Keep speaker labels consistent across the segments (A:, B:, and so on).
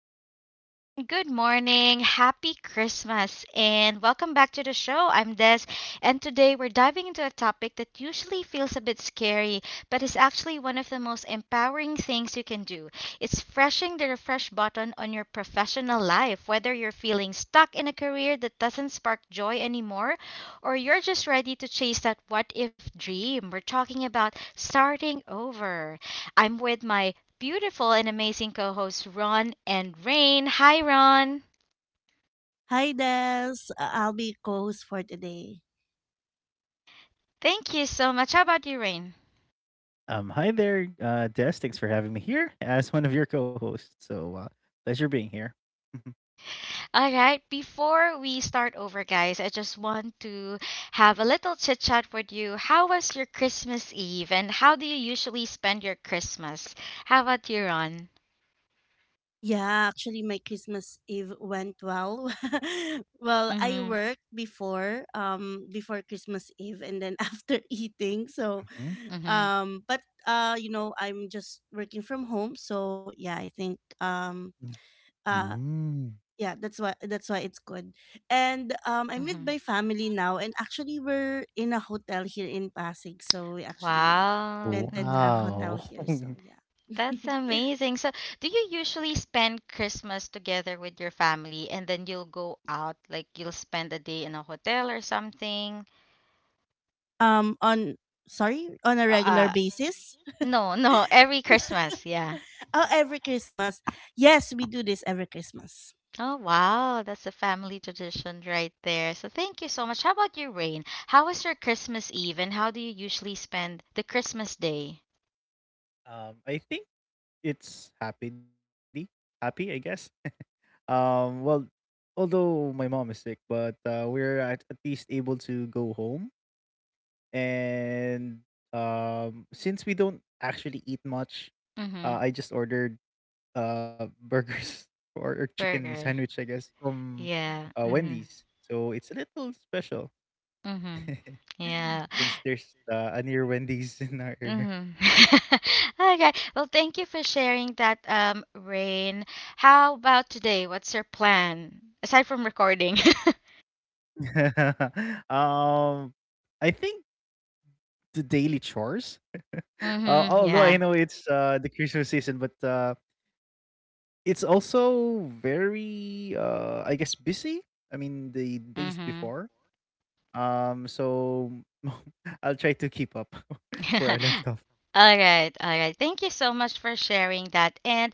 A: everyone, good morning, happy Christmas, and welcome back to the show. I'm Des, and today we're diving into a topic that usually feels a bit scary, but is actually one of the most empowering things you can do. It's freshing the refresh button on your professional life, whether you're feeling stuck in a career that doesn't spark joy anymore, or you're just ready to chase that what if dream. We're talking about starting over. I'm with my beautiful and amazing co hosts, Ron and Rain. Hi, Ron.
B: Hi, Des. I'll be co-host for today.
A: Thank you so much. How about you, Rain?
C: Hi there, Des. Thanks for having me here as one of your co-hosts. So, pleasure being here.
A: All right, before we start over, guys, I just want to have a little chit chat with you. How was your Christmas Eve and how do you usually spend your Christmas? How about you, Ron?
B: Yeah, actually, my Christmas Eve went well. Well, I
A: Mm
B: worked before, before Christmas Eve, and then after eating.
C: Mhm.
A: hmm. Mm hmm.
B: Um, but I'm just working from home. So yeah, I think uh,
C: Mm.
B: that's why it's good. And I'm
A: Mm
B: with
A: hmm.
B: my family now, and actually we're in a hotel here in Pasig, so we actually
A: Wow. Mm
B: rented a
A: hmm.
B: hotel here.
C: Wow.
B: So yeah.
A: That's amazing. So, do you usually spend Christmas together with your family and then you'll go out, like you'll spend a day in a hotel or something?
B: um on on a regular
A: Uh,
B: basis.
A: no, no, every Christmas, yeah.
B: Oh, every Christmas, yes, we do this every Christmas.
A: Oh, wow, that's a family tradition right there. So, thank you so much. How about you, Rain? How was your Christmas Eve and how do you usually spend the Christmas day?
C: I think it's happily happy, I guess. Well, although my mom is sick, but we're at least able go home. And since we don't actually eat much,
A: Mm-hmm.
C: I just ordered burgers or chicken
A: Burger.
C: sandwich, I guess, from
A: Yeah. Mm-hmm.
C: Wendy's. So it's a little special
A: Mm-hmm. Yeah.
C: since there's a near Wendy's in our area.
A: Mm-hmm. Okay. Well, thank you for sharing that, Rain. How about today? What's your plan aside from recording?
C: um, I think the daily chores,
A: Mm-hmm.
C: although
A: Yeah.
C: I know it's the Christmas season, but it's also very, I guess, busy. I mean, the days
A: Mm-hmm.
C: before. So I'll try to keep up where I left off.
A: all right, all right. Thank you so much for sharing that. And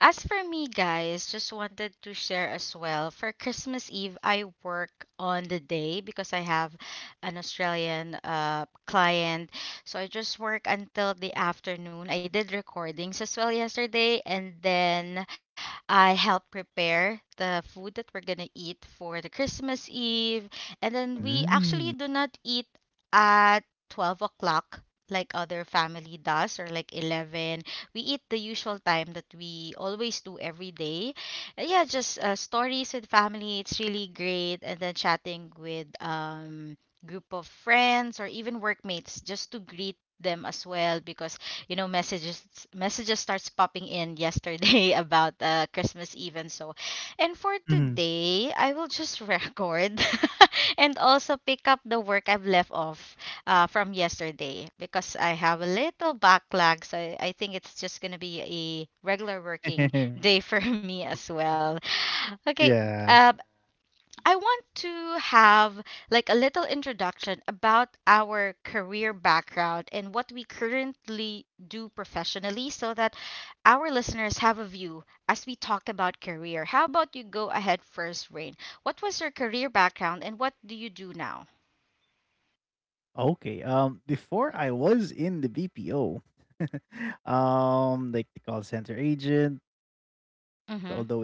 A: as for me, guys, just wanted to share as well. For Christmas Eve, I work on the day because I have an Australian client. So I just work until the afternoon. I did recordings as well yesterday, and then I help prepare the food that we're gonna eat for the Christmas Eve. And then we actually do not
C: Mm.
A: eat at 12 o'clock like other family does, or like 11 we eat the usual time that we always do every day. Yeah, just stories with family, it's really great. And then chatting with group of friends or even workmates just to greet them as well, because you know messages starts popping in yesterday about christmas even so. And for
C: Mhm.
A: today I will just record and also pick up the work I've left off from yesterday because I have a little backlog. So I think it's just going to be a regular working day for me as well.
C: Yeah.
A: Okay. Uh, I want to have like a little introduction about our career background and what we currently do professionally so that our listeners have a view as we talk about career. How about you go ahead first, Rain? What was your career background and what do you do now?
C: Okay. Before I was in the BPO, like the call center agent, although it was on
A: Mm-hmm.
C: site.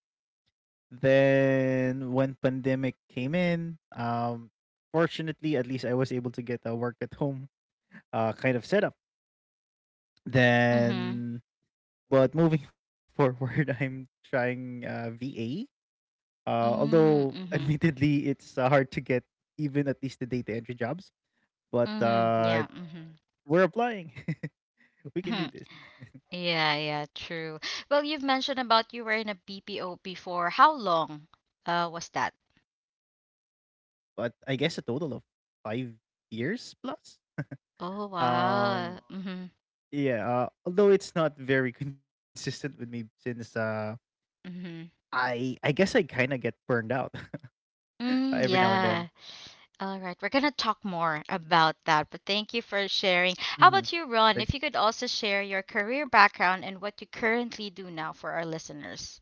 C: Then when pandemic came in, fortunately, at least I was able to get a work at home, kind of setup.
A: Mm-hmm.
C: Then, but moving forward, I'm trying VA.
A: Mm-hmm.
C: Although
A: Mm-hmm.
C: admittedly, it's hard to get even at least the data entry jobs. But
A: Mm-hmm. Yeah. Mhm.
C: we're applying.
A: Mhm.
C: We can do this.
A: Yeah, yeah, true. Well, you've mentioned about you were in a BPO before. How long was that?
C: But I guess a total of 5 years plus.
A: Oh,
C: Um,
A: wow. Mm-hmm.
C: yeah. Although it's not very consistent with me since
A: Mm-hmm.
C: I guess I kind of get burned out every
A: Mm,
C: now and then.
A: yeah. All right. We're gonna talk more about that, but thank you for sharing. How
C: Hmm.
A: about you, Ron?
C: Thanks.
A: If you could also share your career background and what you currently do now for our listeners.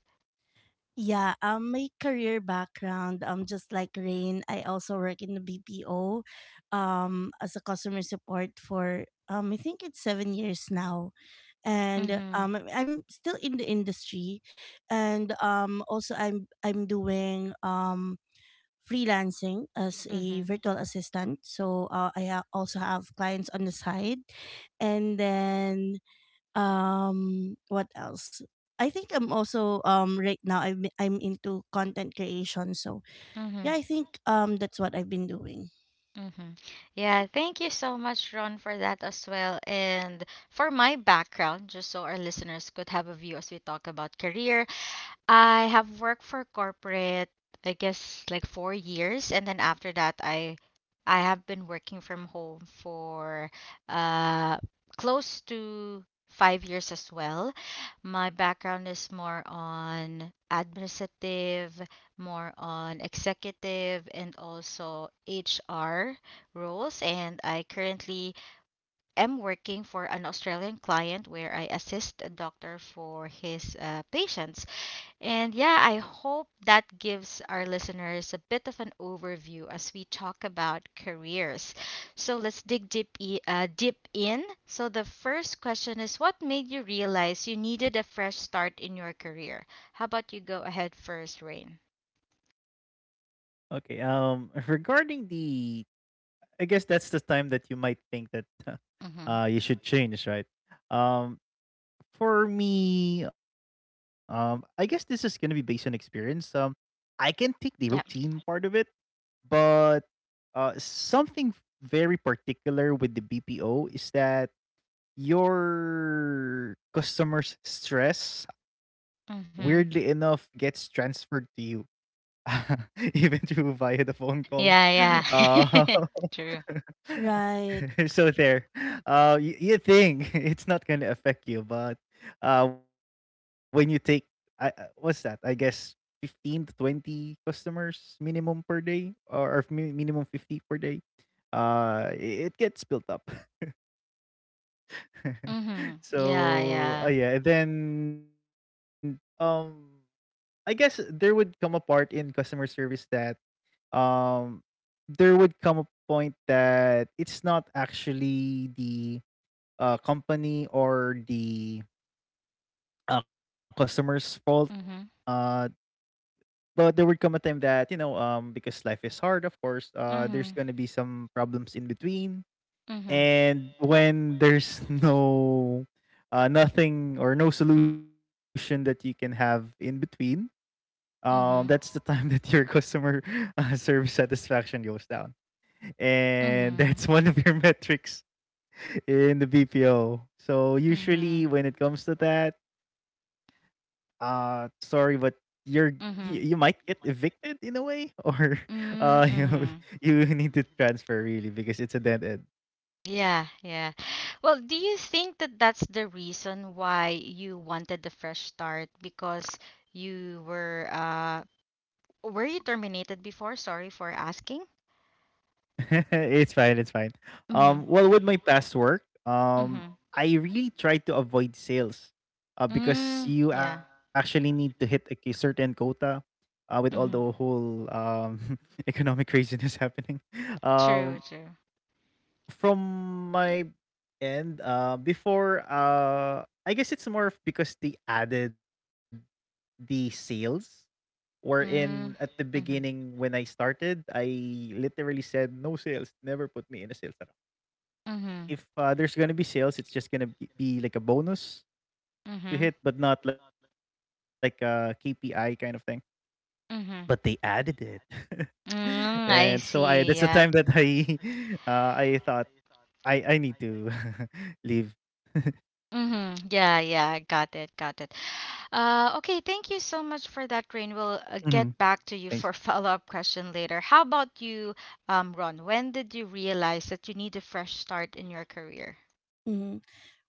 B: Yeah, my career background, just like Rain, I also work in the BPO, as a customer support for, I think it's 7 years now, and I'm still in the industry, and also I'm doing freelancing as a virtual assistant. So I also have clients on the side, and then what else I think I'm also right now I'm into content creation. So
A: Mm-hmm.
B: yeah, I think that's what I've been doing.
A: Mm-hmm. Yeah, thank you so much, Ron, for that as well. And for my background, just so our listeners could have a view as we talk about career, I have worked for corporate, I guess like 4 years, and then after that, I have been working from home for uh close to 5 years as well. My background is more on administrative, more on executive, and also HR roles. And I currently am working for an Australian client where I assist a doctor for his patients. And yeah, I hope that gives our listeners a bit of an overview as we talk about careers. So let's dig deep, deep in. So the first question is, what made you realize you needed a fresh start in your career? How about you go ahead first, Rain?
C: Okay. I guess that's the time that you might think that
A: Mm-hmm.
C: you should change, right? Um, for me, I guess this is gonna be based on experience. I can take the routine
A: Yeah.
C: part of it, but something very particular with the BPO is that your customers' stress, weirdly enough,
A: Mm-hmm.
C: gets transferred to you, even through via the phone
A: Yeah.
C: call.
A: Yeah.
C: Uh,
A: True.
B: Right.
C: so there. You think it's not going to affect you, but when you take, I what's that, I guess, 15 to 20 customers minimum per day, or minimum 50 per day. It gets built up.
A: Mm-hmm. Yeah,
C: So
A: yeah.
C: yeah, and then I guess there would come a part in customer service that um there would come a point that it's not actually the company or the customer's fault.
A: Mm-hmm.
C: uh but there would come a time that you know because life is hard, of course, there's
A: Mm-hmm.
C: going to be some problems in between.
A: Mm-hmm.
C: And
A: Yep.
C: when there's nothing or no solution that you can have in between, that's
A: Mm-hmm.
C: the time that your customer service satisfaction goes down. And
A: Mm-hmm.
C: that's one of your metrics in the BPO. So
A: Mm-hmm.
C: usually when it comes to that, sorry, but you're you
A: Mm-hmm.
C: might get evicted in a way, or you know,
A: Mm-hmm.
C: you need to transfer really because it's a dead end.
A: Yeah, yeah. Well, do you think that that's the reason why you wanted the fresh start? Because you were you terminated before? Sorry for asking.
C: It's fine, it's fine.
A: Mhm.
C: Well, with my past work,
A: Mhm.
C: I really try to avoid sales, because
A: Mm,
C: you
A: yeah.
C: actually need to hit a certain quota, with all the
A: Mhm.
C: whole economic craziness happening.
A: True,
C: Um,
A: true.
C: from my end, before, I guess it's more of because they added the sales or in
A: Mm.
C: at the
A: Mhm.
C: beginning when I started, I literally said no sales, never put me in a sales rep.
A: Mhm.
C: If there's gonna be sales, it's just gonna be like a bonus to
A: Mhm.
C: hit, but not like a KPI kind of thing. But they added
A: Mhm.
C: it, and
A: Mm,
C: so
A: I
C: I that's the
A: see.
C: time that
A: Yeah.
C: I I thought I need to leave.
A: Mhm. Yeah, yeah. Got it. Got it. Okay, thank you so much for that, Rain. We'll
C: Hmm.
A: get back to
C: Thanks.
A: you for follow-up question later. How about you, Ron? When did you realize that you need a fresh start in your career?
B: Mhm.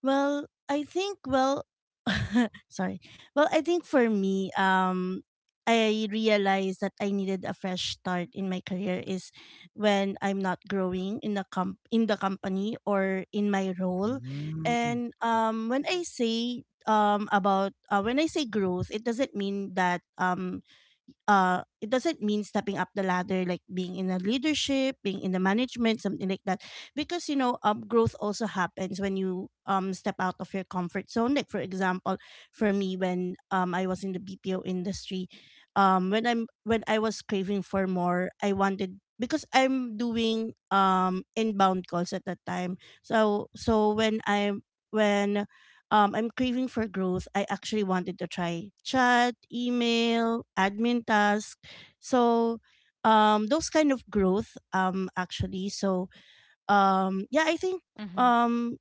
B: Well, I think well sorry. Well, I think for me, I realized that I needed a fresh start in my career is when I'm not growing in the in the company or in my role. And when I say about when I say growth, it doesn't mean that it doesn't mean stepping up the ladder, like being in a leadership, being in the management, something like that, because you know growth also happens when you step out of your comfort zone. Like for example, for me, when I was in the BPO industry, when I was craving for more, I wanted, because I'm doing inbound calls at that time. So so when I when I'm craving for growth. I actually wanted to try chat, email, admin task. So those kind of growth, actually. So yeah, I think
A: Hmm.
B: um,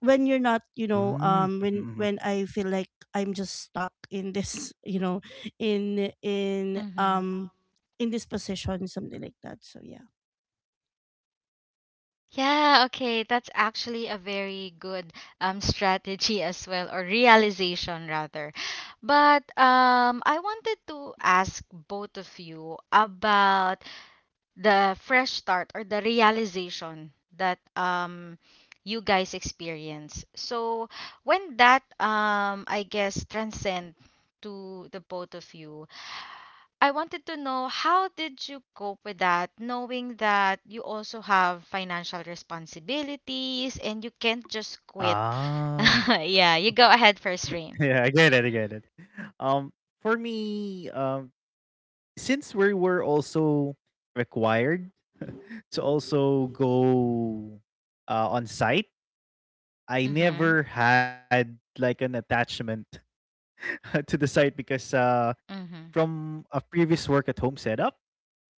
B: when you're not, you know,
C: Mm, mhm,
B: um, when
C: mhm.
B: when I feel like I'm just stuck in this, you know, in in
A: Hmm.
B: um, in this position, something like that. So yeah,
A: Yeah, okay, that's actually a very good strategy as well, or realization rather. But I wanted to ask both of you about the fresh start or the realization that you guys experience. So when that I guess transcend to the both of you, I wanted to know how did you cope with that, knowing that you also have financial responsibilities and you can't just quit.
C: Ah.
A: yeah, you go ahead first, Rain.
C: Yeah, I get it, I get it. Um, for me, since we were also required to also go on site, I
A: Mhm.
C: never had like an attachment to the site because
A: Mhm.
C: from a previous work at home setup,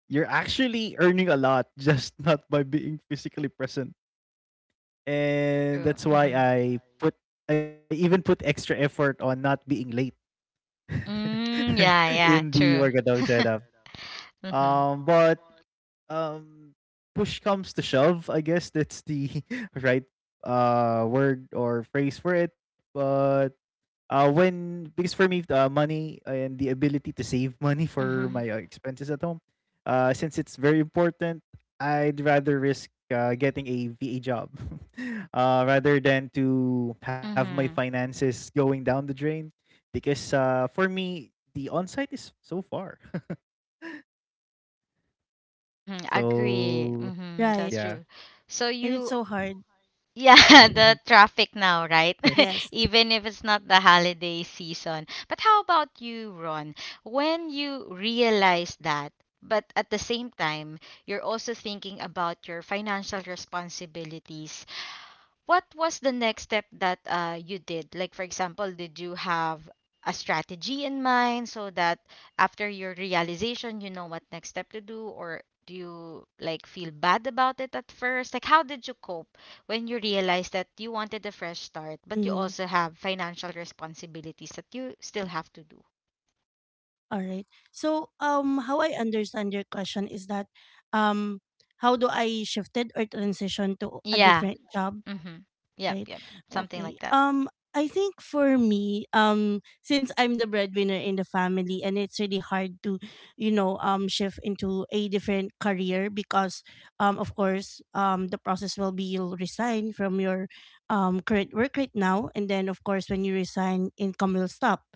C: you're actually earning a lot just not by being physically present. And
A: True.
C: that's why
A: Mhm.
C: I even put extra effort on not being late
A: Mm, yeah,
C: in
A: yeah,
C: the
A: true.
C: Wargadaw setup.
A: Mhm.
C: But um, push comes to shove. I guess that's the right word or phrase for it. But when because for me, money and the ability to save money for my
A: Mhm.
C: expenses at home, since it's very important, I'd rather risk getting a VA job rather than to have my
A: Mm-hmm.
C: finances going down the drain. Because for me, the on site is so far.
A: Mm-hmm. Agree.
C: So,
A: Mm-hmm. That's
B: right.
A: true.
C: yeah.
A: So
B: And it's
A: you,
B: so hard.
A: yeah, the traffic now, right?
B: Yes.
A: Even if it's not the holiday season. But how about you, Ron? When you realize that, but at the same time, you're also thinking about your financial responsibilities, what was the next step that you did? Like, for example, did you have a strategy in mind so that after your realization, you know what next step to do? Or do you like feel bad about it at first? Like, how did you cope when you realized that you wanted a fresh start, but you
B: Mhm.
A: also have financial responsibilities that you still have to do?
B: All right. So, how I understand your question is that, um, how do I shifted or transition to a
A: Yeah.
B: different job.
A: Mm-hmm. Yep.
B: Right.
A: Yep. Something
B: Okay.
A: like that.
B: I think for me, since I'm the breadwinner in the family, and it's really hard to, you know, shift into a different career because, of course, the process will be you'll resign from your, current work right now, and then of course when you resign, income will stop.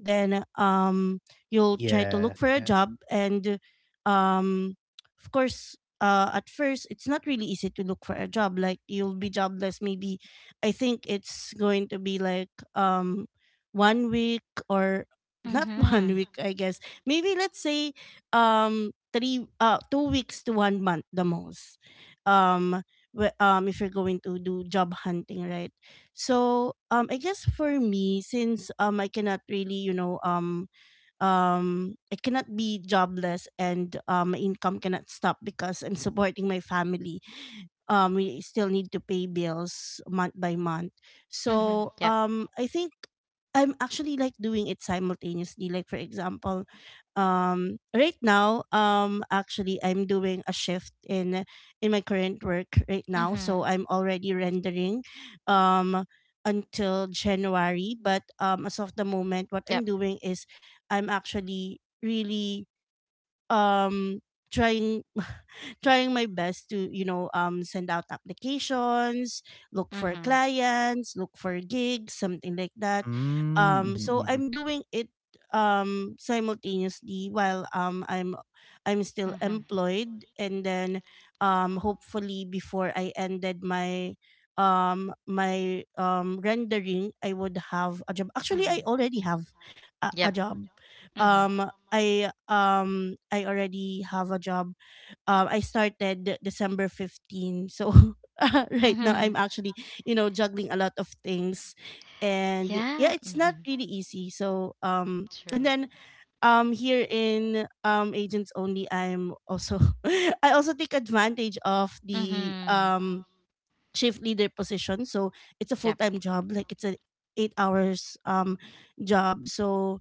B: Then, you'll try to look
C: Yeah.
B: for a
C: Yeah.
B: job, and, um, of course, at first it's not really easy to look for a job. Like you'll be jobless maybe, I think it's going to be like 1 week, or not one
A: Mm-hmm.
B: week, I guess. Maybe let's say three 2 weeks to 1 month the most. Um if you're going to do job hunting, right? So I guess for me, since I cannot really, you know, I cannot be jobless, and my income cannot stop because I'm supporting my family. We still need to pay bills month by month.
A: Mm-hmm.
B: So
A: Yep.
B: I think I'm actually like doing it simultaneously. Like for example, right now, actually I'm doing a shift in my current work right now, so
A: Mm-hmm.
B: I'm already rendering um until January. But as of the moment what I'm
A: Yep.
B: doing is I'm actually really um trying, trying my best to, you know, send out applications, look for
A: Mm-hmm.
B: clients, look for gigs, something like that. So
C: Mm,
B: I'm doing
C: mhm,
B: it simultaneously while I'm still employed, and then hopefully before I ended my rendering, I would have a job. Actually, I
A: Mm-hmm.
B: already have a
A: Yep.
B: job. um I already have a job. I started December 15th. So right now
A: Mm-hmm.
B: I'm actually, you know, juggling a lot of things. And yeah,
A: Yeah.
B: it's not
A: Mhm.
B: really easy. So and
A: True.
B: then here in agents only, I'm also I also take advantage of the
A: Mhm.
B: shift leader position. So it's a
A: Yep.
B: full-time job, like it's an 8 hours job. So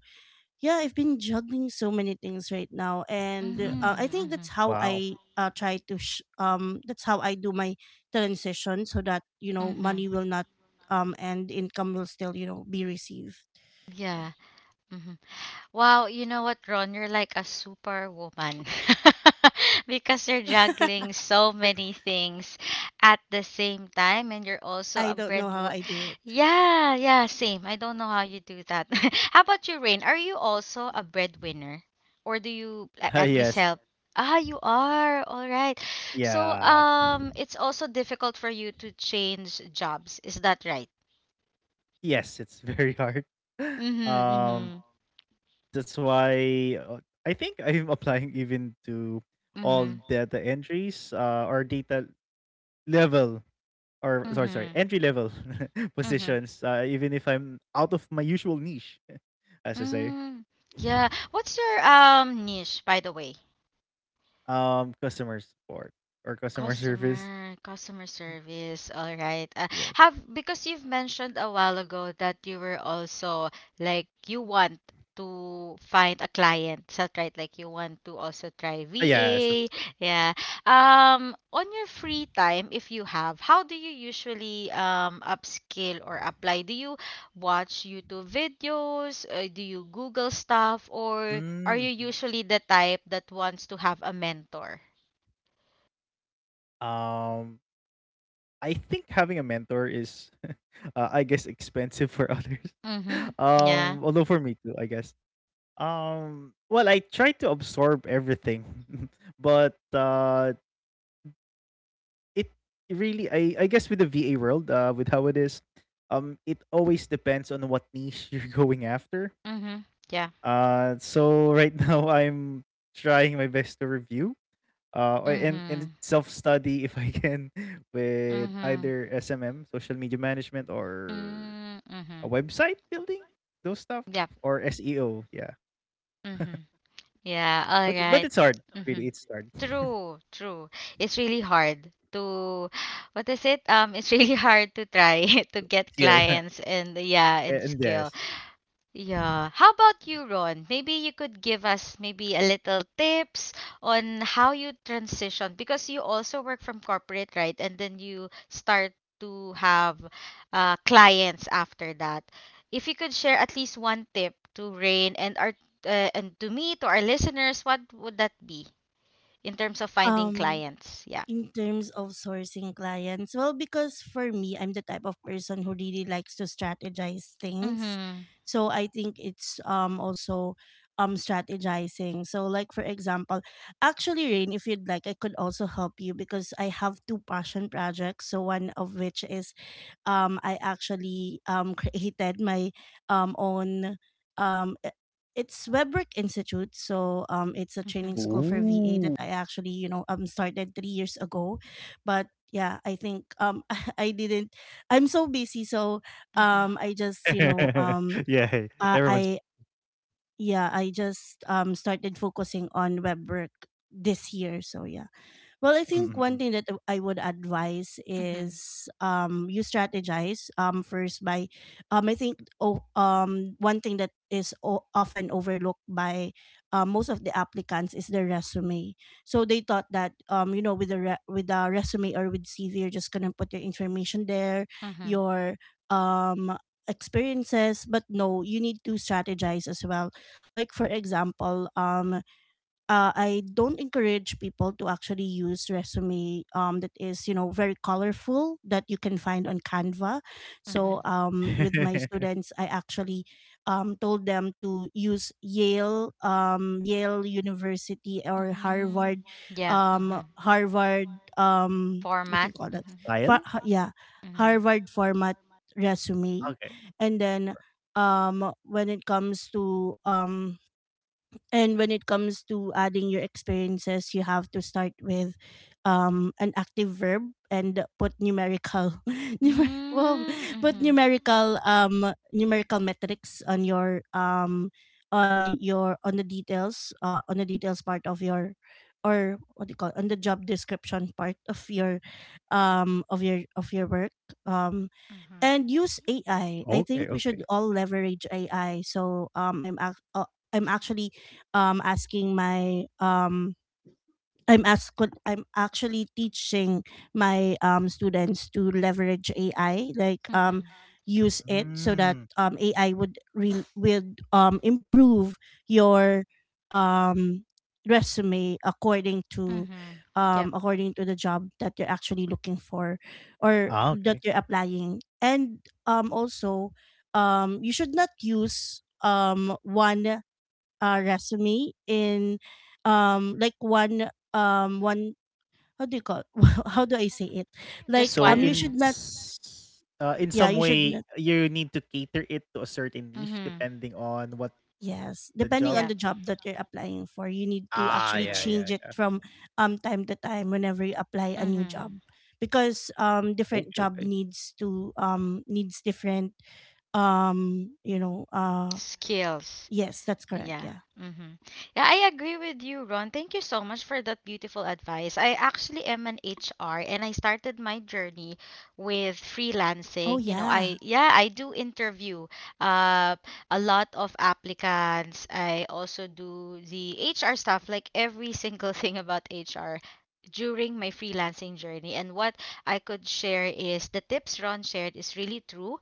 B: yeah, I've been juggling so many things right now, and
A: Mhm.
B: I think
C: mhm.
B: that's
A: Mhm.
B: how I
C: Wow.
B: that's how I do my transition, so that you know
A: Mhm.
B: money will not and income will still, you know, be received.
A: Yeah.
B: Yeah.
A: Mhm. Wow, you know what, Ron? You're like a superwoman because you're juggling so many things at the same time, and you're also
B: I
A: a
B: don't know how
A: breadwinner.
B: I do it.
A: Yeah, yeah, same. I don't know how you do that. How about you, Rain? Are you also a breadwinner, or do you like, at least
C: Yes.
A: help? Ah, you are. All right. So,
C: Yeah.
A: it's also difficult for you to change jobs. Is that right?
C: Yes, it's very hard.
A: Mm-hmm, mm-hmm,
C: Um, that's why I think I'm applying even to all
A: mm-hmm,
C: data entries, or data level, or sorry,
A: mm-hmm,
C: entry level
A: mm-hmm.
C: positions, even if I'm out of my usual niche, as I say.
A: Mm, yeah. What's your niche, by the way?
C: Customer support or customer service.
A: Customer service. All right.
C: Yes.
A: Have, because you've mentioned a while ago that you were also like you want to find a client. Is that right? Like you want to also try
C: Yes, of
A: VA.
C: course.
A: Yeah. On your free time, if you have, how do you usually upskill or apply? Do you watch YouTube videos? Do you Google stuff, or
C: Mm-hmm.
A: are you usually the type that wants to have a mentor?
C: Um, I think having a mentor is, I guess, expensive for others.
A: Mm-hmm. Yeah.
C: Although for me too, I guess. Well, I try to absorb everything, but it really, I guess, with the VA world, with how it is, it always depends on what niche you're going after.
A: Mhm. Yeah.
C: So right now I'm trying my best to review or and
A: Mhm.
C: self study if I can with
A: Mhm.
C: either SMM social media management, or
A: Mm,
C: a
A: mhm.
C: website building, those stuff,
A: Yep.
C: or SEO, yeah,
A: Mhm.
C: but
A: Yeah.
C: it's
A: All
C: hard,
A: right.
C: really, it's hard.
A: Mhm. True. True. It's really hard to what is it? It's really hard to try to get
C: Skill.
A: clients and yeah, and
C: And
A: skill.
C: yes.
A: Yeah. How about you, Ron? Maybe you could give us maybe a little tips on how you transition, because you also work from corporate, right? And then you start to have clients after that. If you could share at least one tip to Rain and our and to me, to our listeners, what would that be in terms of finding
B: um
A: clients? Yeah.
B: in terms of sourcing clients, well, because for me, I'm the type of person who really likes to strategize things.
A: Mm-hmm.
B: So I think it's also strategizing. So like for example, actually, Rain, if you'd like, I could also help you because I have two passion projects. So one of which is, I actually created my um, own. Um, i- it's Webwork Institute, so it's a training school for VA
C: Ooh.
B: that I actually, you know, started 3 years ago. But yeah, I think I didn't. I'm so busy, so
A: Mm-hmm.
B: I just, you know,
C: Yeah. Everyone's.
B: I yeah, I just started focusing on web work this year. So yeah. Well,
C: Mm,
B: I
C: mm,
B: think one thing that I would advise
A: Mm-hmm.
B: is you strategize first by, one thing that is often overlooked by most of the applicants is their resume. So they thought that you know with the with the resume or with CV, you're just gonna put your information there, your um, experiences. But no, you need to strategize as well. Like for example, I don't encourage people to actually use resume that is, you know, very colorful that you can find on Canva.
A: Mm-hmm.
B: So with
C: mm.
B: my students, I actually told them to use Yale, Yale University or
A: Mm-hmm.
B: Harvard,
A: Yeah. Mm-hmm.
B: Harvard. What do
A: Format.
B: you call that?
C: Style.
B: For, yeah,
A: Mm-hmm.
B: Harvard format resume,
C: Okay,
B: and then when it comes to and when it comes to adding your experiences, you have to start with an active verb and put numerical, numer- whoa,
A: Mm,
B: put
A: mhm.
B: numerical numerical metrics on your on your on the details part of your, or what do you call it, on the job description part of your of your work. um
A: Mhm.
B: and use AI. I
C: okay,
B: think we
C: okay.
B: should all leverage AI. So I'm actually asking my I'm actually teaching my students to leverage AI, like
A: Mhm.
B: use it, so that
C: Mm.
B: AI would would improve your um resume according to
A: Mhm. Yep.
B: according to the job that you're actually looking for, or
C: Ah,
B: that
C: okay.
B: you're applying. And also you should not use one resume in like one one how do you call, how do I say it,
A: Just
B: like
C: So
B: you should
A: one.
B: not
C: in
B: yeah
C: some
B: you should
C: way,
B: not,
C: you need to cater it to a certain niche
A: Mhm.
C: depending on what the
B: yes,
C: job.
B: depending on
A: Yeah.
B: the job that you're applying for, you need
C: Ah,
B: to
C: yeah, yeah,
B: actually
C: yeah.
A: True.
B: change it from time to time whenever you apply a new
A: Mhm.
B: job, because different
C: Okay,
B: job
C: okay.
B: needs to needs different um you know uh
A: Skills.
B: yes that's correct.
A: Yeah.
B: Yeah.
A: Mm-hmm. Yeah, I agree with you, Ron. Thank you so much for that beautiful advice. I actually am an HR and I started my journey with
B: Oh
A: freelancing. You know, I
B: yeah.
A: yeah, I do interview uh a lot of applicants. I also do the HR stuff, like every single thing about HR during my freelancing journey. And what I could share is the tips Ron shared is really true.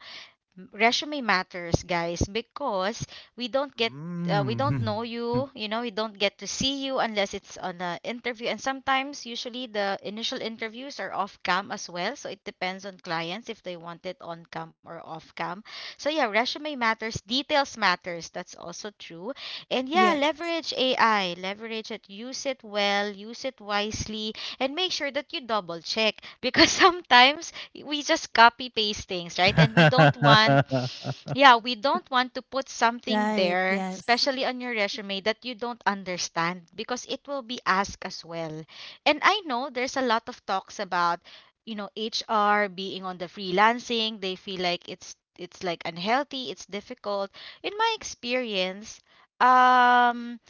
A: Resume matters, guys, because we don't get we don't
C: Mm.
A: know you, you know, we don't get to see you unless it's on an interview. And sometimes usually the initial interviews are off cam as well, so it depends on clients if they want it on cam or off cam. So yeah, resume matters, details matters, that's also true. And yeah,
B: Yes.
A: leverage AI, leverage it, use it well, use it wisely, and make sure that you double check because sometimes we just copy paste things, right? And we don't want, yeah, we don't want to put something
B: Right.
A: there,
B: Yes.
A: especially on your resume, that you don't understand because it will be asked as well. And I know there's a lot of talks about, you know, HR being on the freelancing. They feel like it's like unhealthy, it's difficult. In my experience, um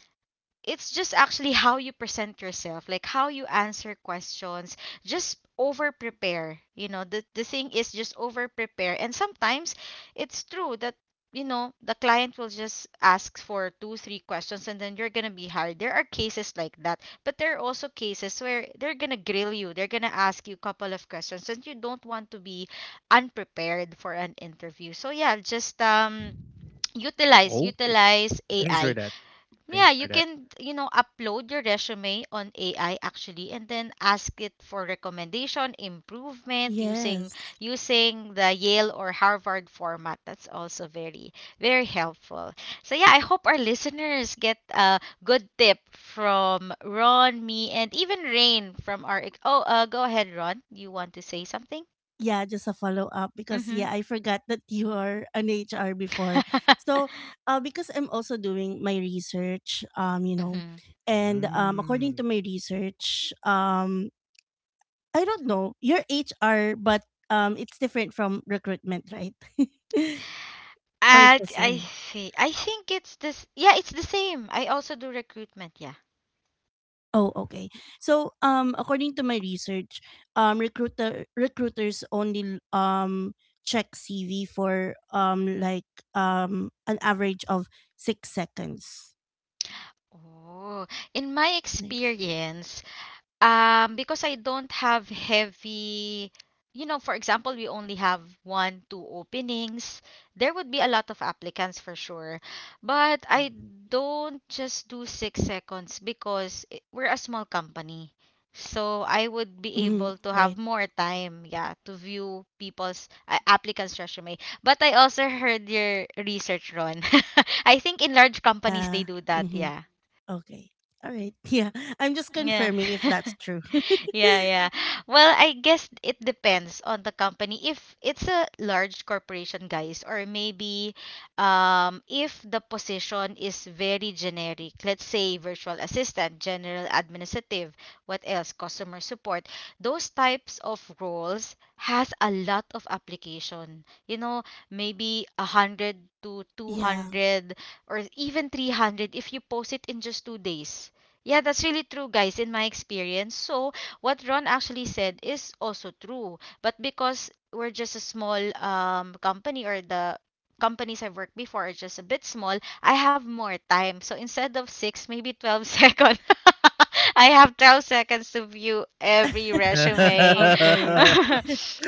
A: it's just actually how you present yourself, like how you answer questions. Just over prepare. You know, the thing is just over prepare. And sometimes it's true that, you know, the client will just ask for 2 3 questions and then you're gonna be hired. There are cases like that, but there are also cases where they're gonna grill you, they're gonna ask you a couple of questions and you don't want to be unprepared for an interview. So yeah, just utilize
C: Okay.
A: utilize
C: Thanks for
A: ai.
C: that. Thanks for that.
A: Yeah, you can, you know, upload your resume on AI actually and then ask it for recommendation, improvement,
B: Yes.
A: using the Yale or Harvard format. That's also very helpful. So yeah, I hope our listeners get a good tip from Ron, me and even Rain from our go ahead Ron, you want to say something?
B: Yeah, just a follow up, because yeah,
A: Mhm.
B: I forgot that you are an HR before. So, because I'm also doing my research, you know, and
C: Mm.
B: according to my research, I don't know, you're HR, but it's different from recruitment, right? or it's
A: I
B: the
A: I
B: same.
A: see. I think it's this. Yeah, it's the same. I also do recruitment. Yeah.
B: Oh, okay. So, according to my research, recruiters only check CV for an average of 6 seconds.
A: Oh, in my
B: Right.
A: experience, because I don't have heavy, you know, for example, we only have one, two openings, there would be a lot of applicants for sure. But I
C: Mhm.
A: don't just do 6 seconds because we're a small company. So I would be
B: Hmm.
A: able to have
B: Right.
A: more time, yeah, to view people's applicants' resume. But I also heard your research, Ron. I think in large companies they
B: Uh,
A: do that,
B: mm-hmm.
A: yeah.
B: Okay. All right. Yeah. I'm just
A: Yeah.
B: confirming if that's true.
A: Yeah, yeah. Well, I guess it depends on the company. If it's a large corporation, guys, or maybe if the position is very generic, let's say virtual assistant, general administrative, what else, customer support, those types of roles has a lot of application. You know, maybe a hundred to two
B: Yeah.
A: hundred or even 300 if you post it in just 2 days. Yeah, that's really true, guys, in my experience. So what Ron actually said is also true. But because we're just a small company or the companies I've worked before are just a bit small, I have more time. So instead of six, maybe 12 seconds. I have 12 seconds to view every resume.
B: Okay.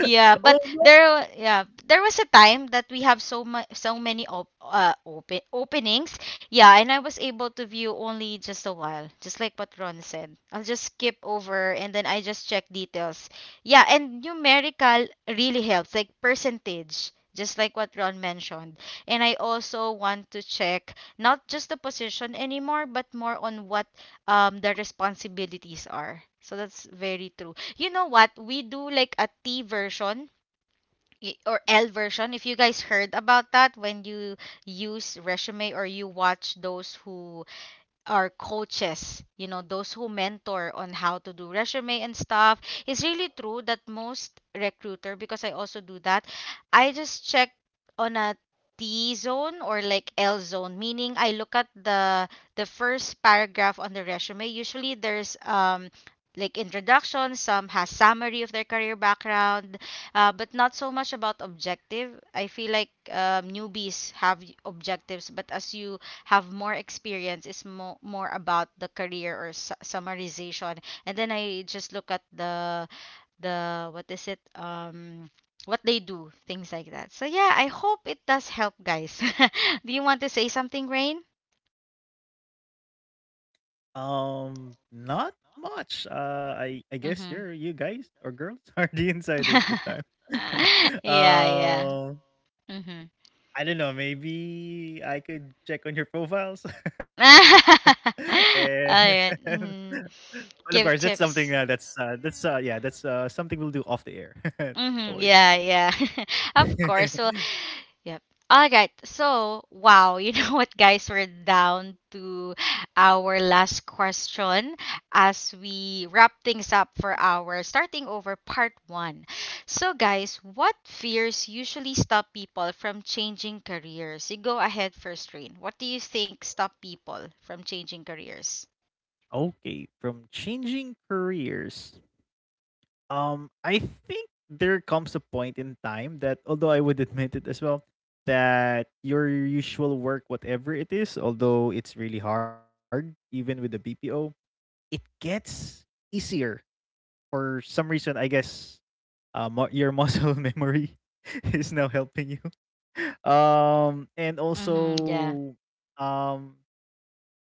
A: Yeah,
C: Oh
A: but
C: no.
A: there, yeah, there was a time that we have so much, so many open openings, yeah, and I was able to view only just a while, just like what Ron said. I'll just skip over and then I just check details. Yeah, and numerical really helps, like percentage, just like what Ron mentioned. And I also want to check not just the position anymore, but more on what the responsibilities are. So that's very true. You know what? We do like a T version or L version. If you guys heard about that when you use resume or you watch those who our coaches, you know, those who mentor on how to do resume and stuff. It's really true that most recruiter, because I also do that, I just check on a T zone or like L zone, meaning I look at the first paragraph on the resume. Usually there's like introduction, some has summary of their career background, but not so much about objective. I feel like newbies have objectives, but as you have more experience is more about the career or summarization, and then I just look at the what is it what they do things like that. So yeah, I hope it does help, guys. Do you want to say something, Rain?
C: Not much. I guess
A: Mm-hmm.
C: you guys or girls are the insiders this time.
A: Yeah, yeah.
C: Um.
A: Mm-hmm.
C: I don't know, maybe I could check on your profiles. And.
A: All right. Mm-hmm.
C: Well, of course, that's something
A: Give tips.
C: that's that's something we'll do off the air. No
A: Mm-hmm.
C: worries, no
A: Yeah, yeah. Of
C: worries.
A: course. So yep. All right. So, wow, you know what, guys? We're down to our last question as we wrap things up for our starting over part one. So, guys, what fears usually stop people from changing careers? You go ahead first, Rain. What do you think stop people from changing careers?
C: Okay, from changing careers, I think there comes a point in time that, although I would admit it as well, that your usual work, whatever it is, although it's really hard, even with the BPO, it gets easier for some reason, I guess your muscle memory is now helping you. And
A: Mm-hmm. Yeah.
C: also, um,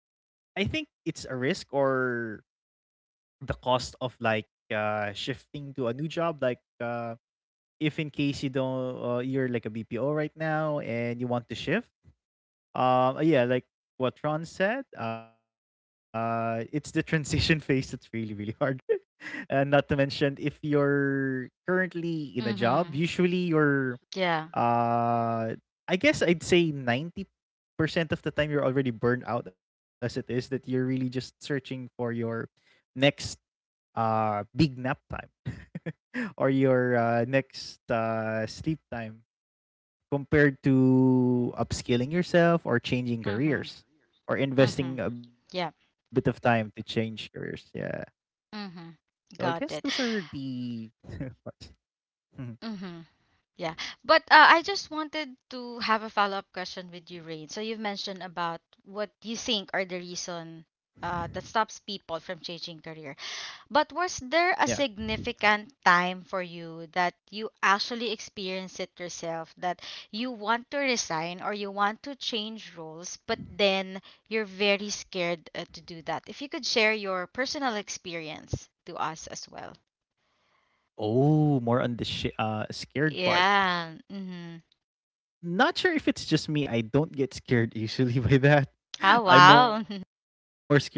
C: I think it's a risk or the cost of like shifting to a new job. Like, if in case you don't, you're like a BPO right now and you want to shift. Yeah, like what Ron said, it's the transition phase that's really, really hard. And not to mention, if you're currently in a
A: Mm-hmm.
C: job, usually you're
A: Yeah.
C: uh I guess I'd say 90% of the time you're already burned out as it is, that you're really just searching for your next big nap time or your next sleep time, compared to upskilling yourself or changing
A: Mm-hmm.
C: careers, or
A: Mm-hmm.
C: investing a bit of
A: Yeah.
C: time to change careers, yeah. So I
A: Mm-hmm.
C: guess those
A: Got
C: are
A: it.
C: the parts. Mhm.
A: Mm-hmm. Yeah. But I just wanted to have a follow-up question with you, Rain. So you've mentioned about what you think are the reason that stops people from changing career. But was
C: Yeah.
A: there a significant time for you that you actually experienced it yourself that you want to resign or you want to change roles, but then you're very scared to do that? If you could share your personal experience to us as well.
C: Oh, more on the scared part.
A: Yeah. Mm-hmm.
C: Not sure if it's just me. I don't get scared usually by that.
A: Oh,
C: I'm more
A: wow.
C: scared of. Uh,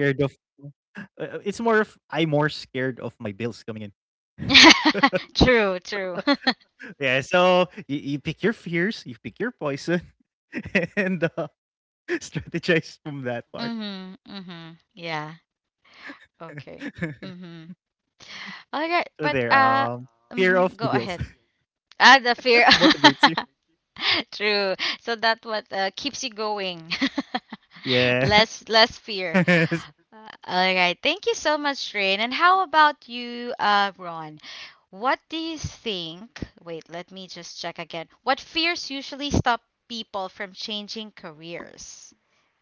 C: uh, It's more of I'm more scared of my bills coming in.
A: True, true.
C: Yeah. So you pick your fears, you pick your poison, and strategize from that part.
A: Mhm, mhm. Yeah. Okay. Mhm.
C: So
A: Okay,
C: there.
A: but
C: Fear of the
A: mhm, go
C: bills
A: ahead. Ah, the fear.
C: motivates you.
A: True. So that what keeps you going.
C: Yeah.
A: Less fear. All right. Thank you so much, Rain. And how about you, Ron? What do you think? Wait, let me just check again. What fears usually stop people from changing careers?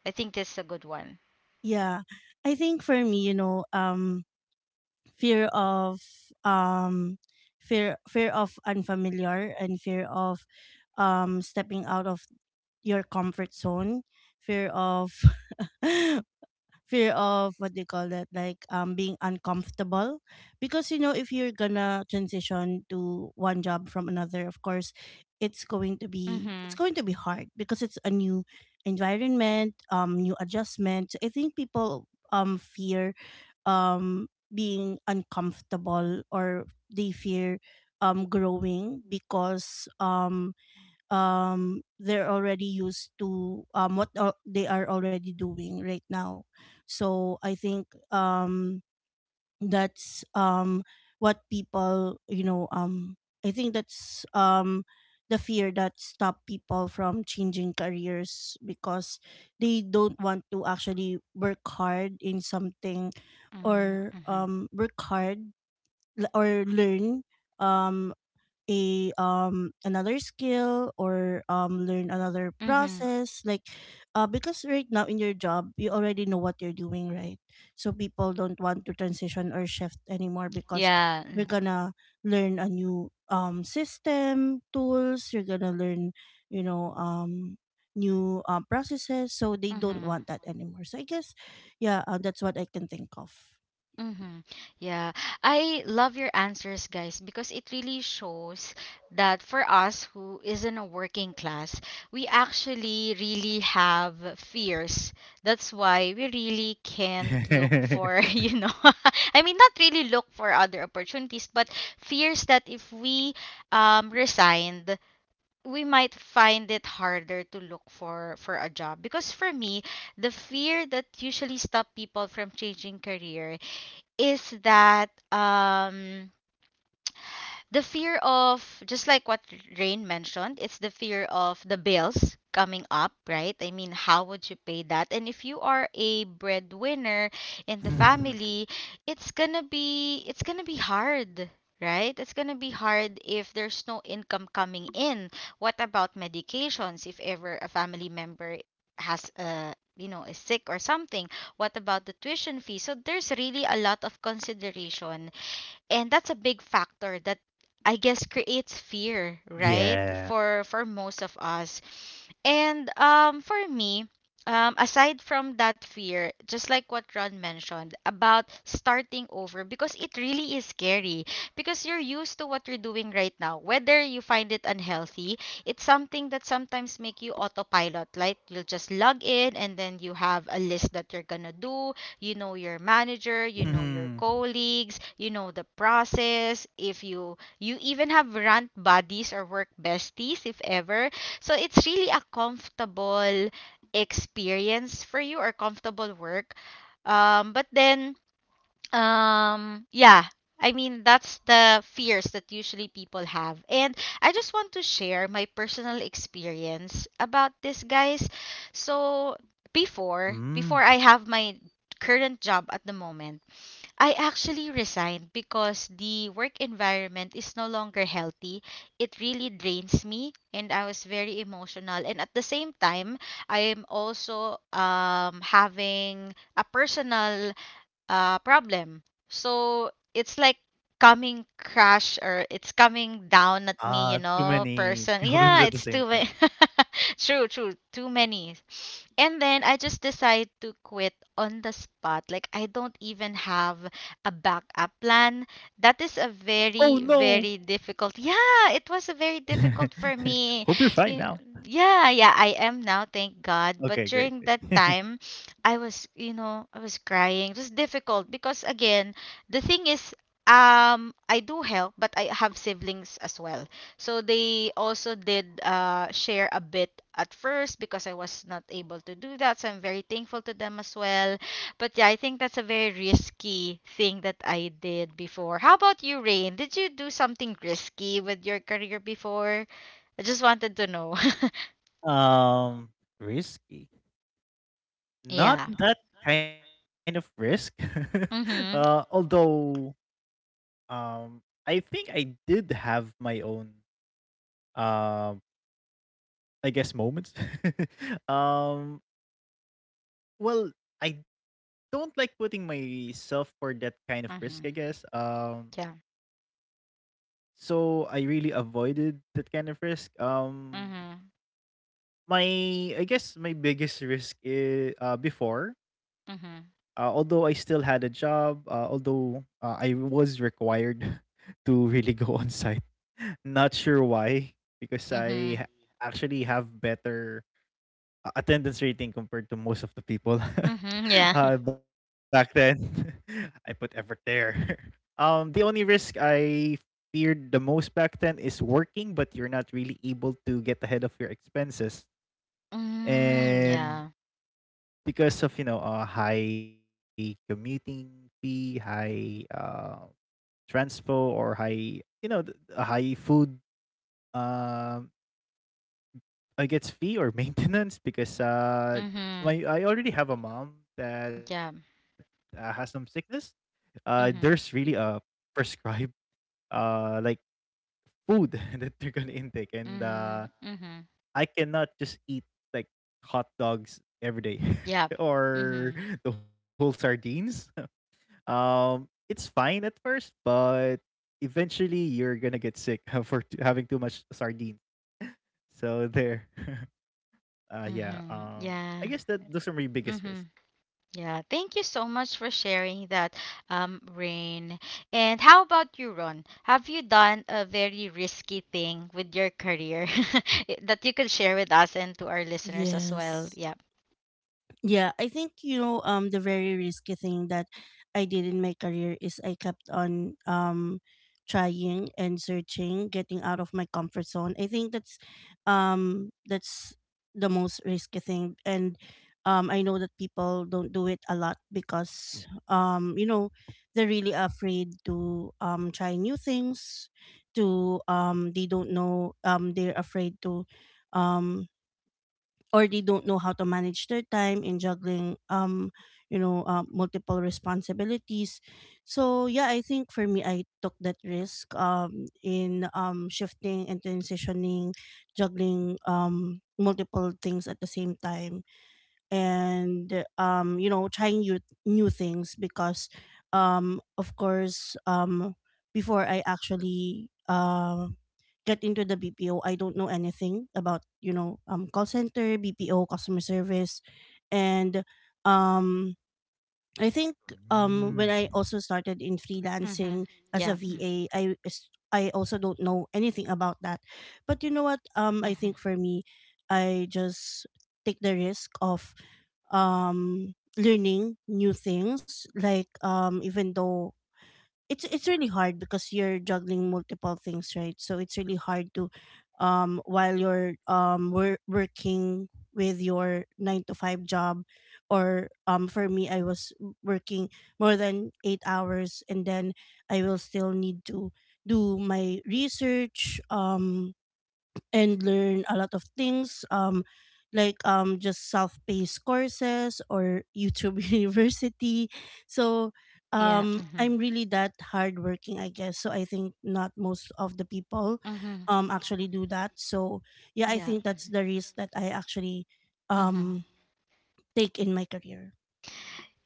A: I think this is a good one.
B: Yeah. I think for me, fear of um fear of unfamiliar, and fear of stepping out of your comfort zone. Fear of fear of what they call that, being uncomfortable, because you know if you're gonna transition to one job from another. Of course it's going to be hard because it's a new environment. New adjustment. So, I think people fear um being uncomfortable, or they fear growing because they're already used to they are already doing right now. So I think um that's what people, I think that's the fear that stop people from changing careers, because they don't want to actually work hard in something,
A: Mm,
B: or
A: mhm,
B: work hard, or learn um a another skill, or learn another
A: mhm.
B: process. Because right now in your job, you already know what you're doing, right? So people don't want to transition or shift anymore, because
A: Yeah.
B: we're gonna learn a new system tools. You're gonna learn, you know um new, processes. So they don't
A: Mm-hmm.
B: want that anymore. So I guess yeah that's what I can think of.
A: Mm-hmm. Yeah. I love your answers, guys, because it really shows that for us who is in a working class, we actually really have fears. That's why we really can't look for, you know, I mean, not really look for other opportunities, but fears that if we resigned, we might find it harder to look for a job, because for me the fear that usually stop people from changing career is that the fear of, just like what Rain mentioned, it's the fear of the bills coming up, right? I mean, how would you pay that? And if you are a breadwinner
C: Mhm.
A: in the family, it's gonna be, it's gonna be hard. Right? It's going to be hard if there's no income coming in. What about medications if ever a family member has a, you know, is sick or something? What about the tuition fee? So there's really a lot of consideration and that's a big factor that I guess creates fear,
C: Yeah.
A: right? For most of us. And for me, aside from that fear, just like what Ron mentioned about starting over, because it really is scary, because you're used to what you're doing right now. Whether you find it unhealthy, it's something that sometimes make you autopilot. Like you'll just log in, and then you have a list that you're gonna do. You know your manager,
C: Hmm.
A: you know your colleagues, you know the process. If you even have rant buddies or work besties, if ever, so it's really a comfortable experience for you or comfortable work. But then, yeah, I mean, that's the fears that usually people have. And I just want to share my personal experience about this, guys. So
C: Hmm.
A: before I have my current job at the moment, I actually resigned because the work environment is no longer healthy. It really drains me and I was very emotional, and at the same time I am also having a personal problem. So it's like coming crash or it's coming down at me, you
C: Ah, too
A: know,
C: many
A: person.
C: problems
A: Yeah,
C: at the
A: it's
C: same
A: too
C: time.
A: many. True, true, too many. And then I just decide to quit on the spot. Like I don't even have a backup plan. That is a
C: Oh
A: very,
C: no.
A: very difficult. Yeah, it was a very difficult for me.
C: Hope you're fine
A: Ye-
C: now.
A: Yeah, yeah, I am now, thank God. But
C: Okay, great.
A: during that
C: Great.
A: time, I was, you know, I was crying. It was difficult because again, the thing is, I do help, but I have siblings as well. So they also did share a bit at first because I was not able to do that. So I'm very thankful to them as well. But yeah, I think that's a very risky thing that I did before. How about you, Rain? Did you do something risky with your career before? I just wanted to know.
C: um, Risky. Not
A: Yeah.
C: that kind of risk.
A: Mhm.
C: Although, um, I think I did have my own, um, I guess, moments. um, Well, I don't like putting myself for that kind of risk, I guess.
A: Mhm.
C: Um
A: Yeah.
C: so I really avoided that kind of risk.
A: Mhm.
C: My I guess my biggest risk is, before,
A: Mhm.
C: although I still had a job, although I was to really go on site. Not sure why, because
A: Mhm.
C: actually have better attendance rating compared to most of the people
A: Mhm, yeah.
C: back then. I put effort there. The only risk I feared the most back then is working, but you're not really able to get ahead of your expenses,
A: Mm,
C: and
A: yeah.
C: because of a high commuting fee, high transpo, or high high food um I it's fee or maintenance because
A: Mhm.
C: my I already have a mom that
A: Yeah.
C: has some sickness. There's really
A: Mhm.
C: a prescribed uh like food that they're gonna intake, and
A: Mhm. Mhm.
C: I cannot just eat like hot dogs every day,
A: Yep.
C: or
A: Mhm.
C: the whole sardines. It's fine at first, but eventually you're gonna get sick for having too much sardines. So there. Yeah,
A: Mhm. Yeah.
C: I guess that those are my biggest
A: Mhm.
C: risks.
A: Yeah. Thank you so much for sharing that, Rain. And how about you, Ron? Have you done a very risky thing with your career that you could share with us and to our listeners as well?
B: Yes.
A: Yeah.
B: Yeah, I think, the very risky thing that I did in my career is I kept on trying and searching, getting out of my comfort zone. I think that's the most risky thing. And I know that people don't do it a lot, because you know they're really afraid to try new things, to they don't know, they're afraid to, um or they don't know how to manage their time in juggling, you know, multiple responsibilities. So yeah, I think for me, I took that risk in shifting and transitioning, juggling multiple things at the same time. And you know, trying new things, because of course, before I actually get into the BPO, I don't know anything about, you know, call center BPO customer service. And um I think
C: Mm.
B: when I also started in
A: Mhm.
B: freelancing as a
A: Yeah.
B: VA, I also don't know anything about that. But you know what, I think for me, I just take the risk of learning new things, even though it's really hard because you're juggling multiple things, right? So it's really hard to, while you're, working with your 9 to 5 job, or for me, I was working more than 8 hours, and then I will still need to do my research, and learn a lot of things, just self-paced courses or YouTube University. So
A: Yeah. Mhm.
B: I'm really that hardworking, I guess. So I think not most of the people
A: Mhm.
B: actually do that. So yeah, I
A: Yeah.
B: think that's the risk that I actually
A: Mhm.
B: um take in my career.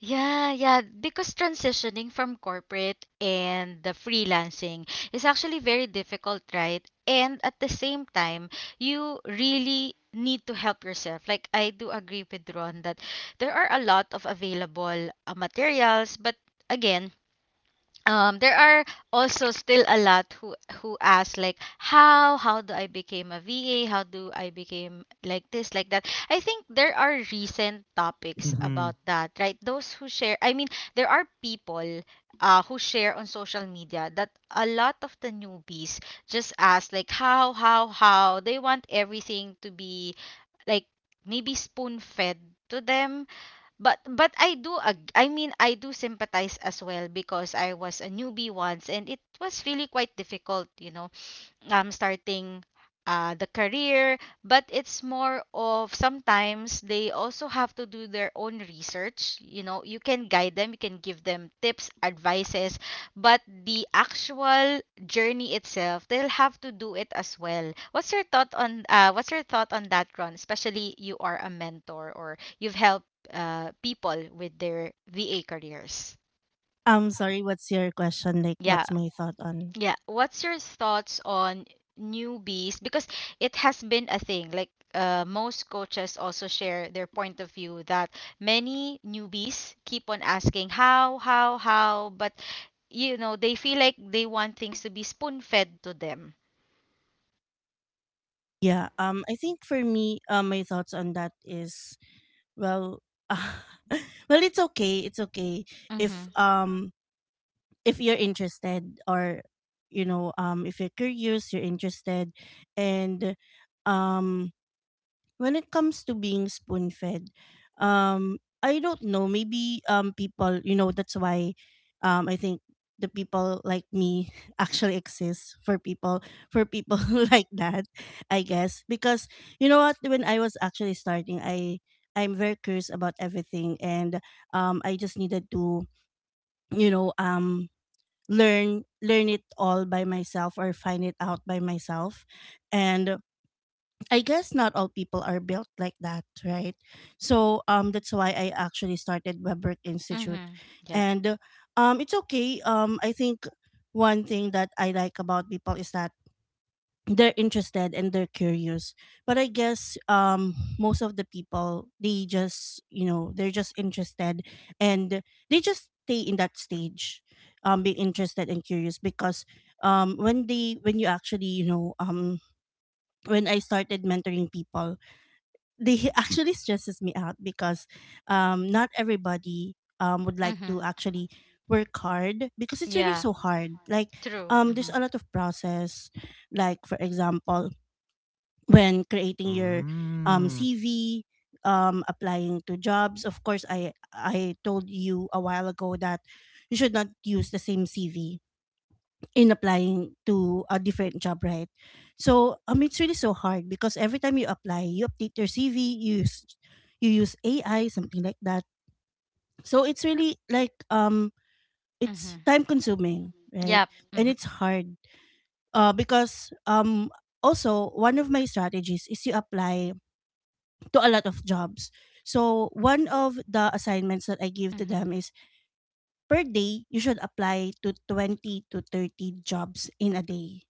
A: Yeah, yeah, because transitioning from corporate and the freelancing is actually very difficult, right? And at the same time, you really need to help yourself. Like I do agree with Ron that there are a lot of available materials, but again, there are also still a lot who ask like how do I became a VA, how do I became like this, like that. I think there are recent
C: Mhm.
A: topics about that, right? Those who share, I mean, there are people who share on social media that a lot of the newbies just ask like how they want everything to be, like maybe spoon fed to them. But I do I mean I do sympathize as well, because I was a newbie once and it was really quite difficult. Starting the career, but it's more of sometimes they also have to do their own research. You know, you can guide them, you can give them tips, advices, but the actual journey itself, they'll have to do it as well. What's your thought on that, Ron? Especially you are a mentor, or you've helped people with their VA careers.
B: Sorry, what's your question? Like, what's my thought on?
A: Yeah, what's your thoughts on newbies? Because it has been a thing. Like most coaches also share their point of view that many newbies keep on asking how, but you know they feel like they want things to be spoon fed to them.
B: Yeah, I think for me, my thoughts on that is, well, it's okay. It's okay if,
A: Mhm.
B: if you're interested, or you know, if you're curious, you're interested, and um when it comes to being spoon fed, um, I don't know. Maybe, people, you know, that's why, I think the people like me actually exist for people, for people like that, I guess. Because you know what, when I was actually starting, I'm very curious about everything. And I just needed to, you know, learn it all by myself, or find it out by myself. And I guess not all people are built like that, right? So that's why I actually started Webwork Institute.
A: Mhm. Yeah.
B: And it's okay. I think one thing that I like about people is that they're interested and they're curious. But I guess, most of the people, they just, you know, they're just interested, and they just stay in that stage, being interested and curious, because when you actually, you know, when I started mentoring people, they actually stresses me out, because not everybody would like
A: Mhm.
B: to actually work hard, because it's really
A: Yeah.
B: so hard.
A: True.
B: There's
A: Mhm.
B: a lot of process, like for example, when creating your
C: Mm.
B: CV, applying to jobs, of course I told you a while ago that you should not use the same CV in applying to a different job, right? So, it's really so hard, because every time you apply, you update your CV, you use AI, something like that. So it's really like, it's
A: Mhm.
B: time consuming, right?
A: Yep.
B: And
A: Mhm.
B: it's hard, because, also one of my strategies is, you apply to a lot of jobs. So one of the assignments that I give to them
A: Mhm.
B: is, per day you should apply to 20 to 30 jobs in a day.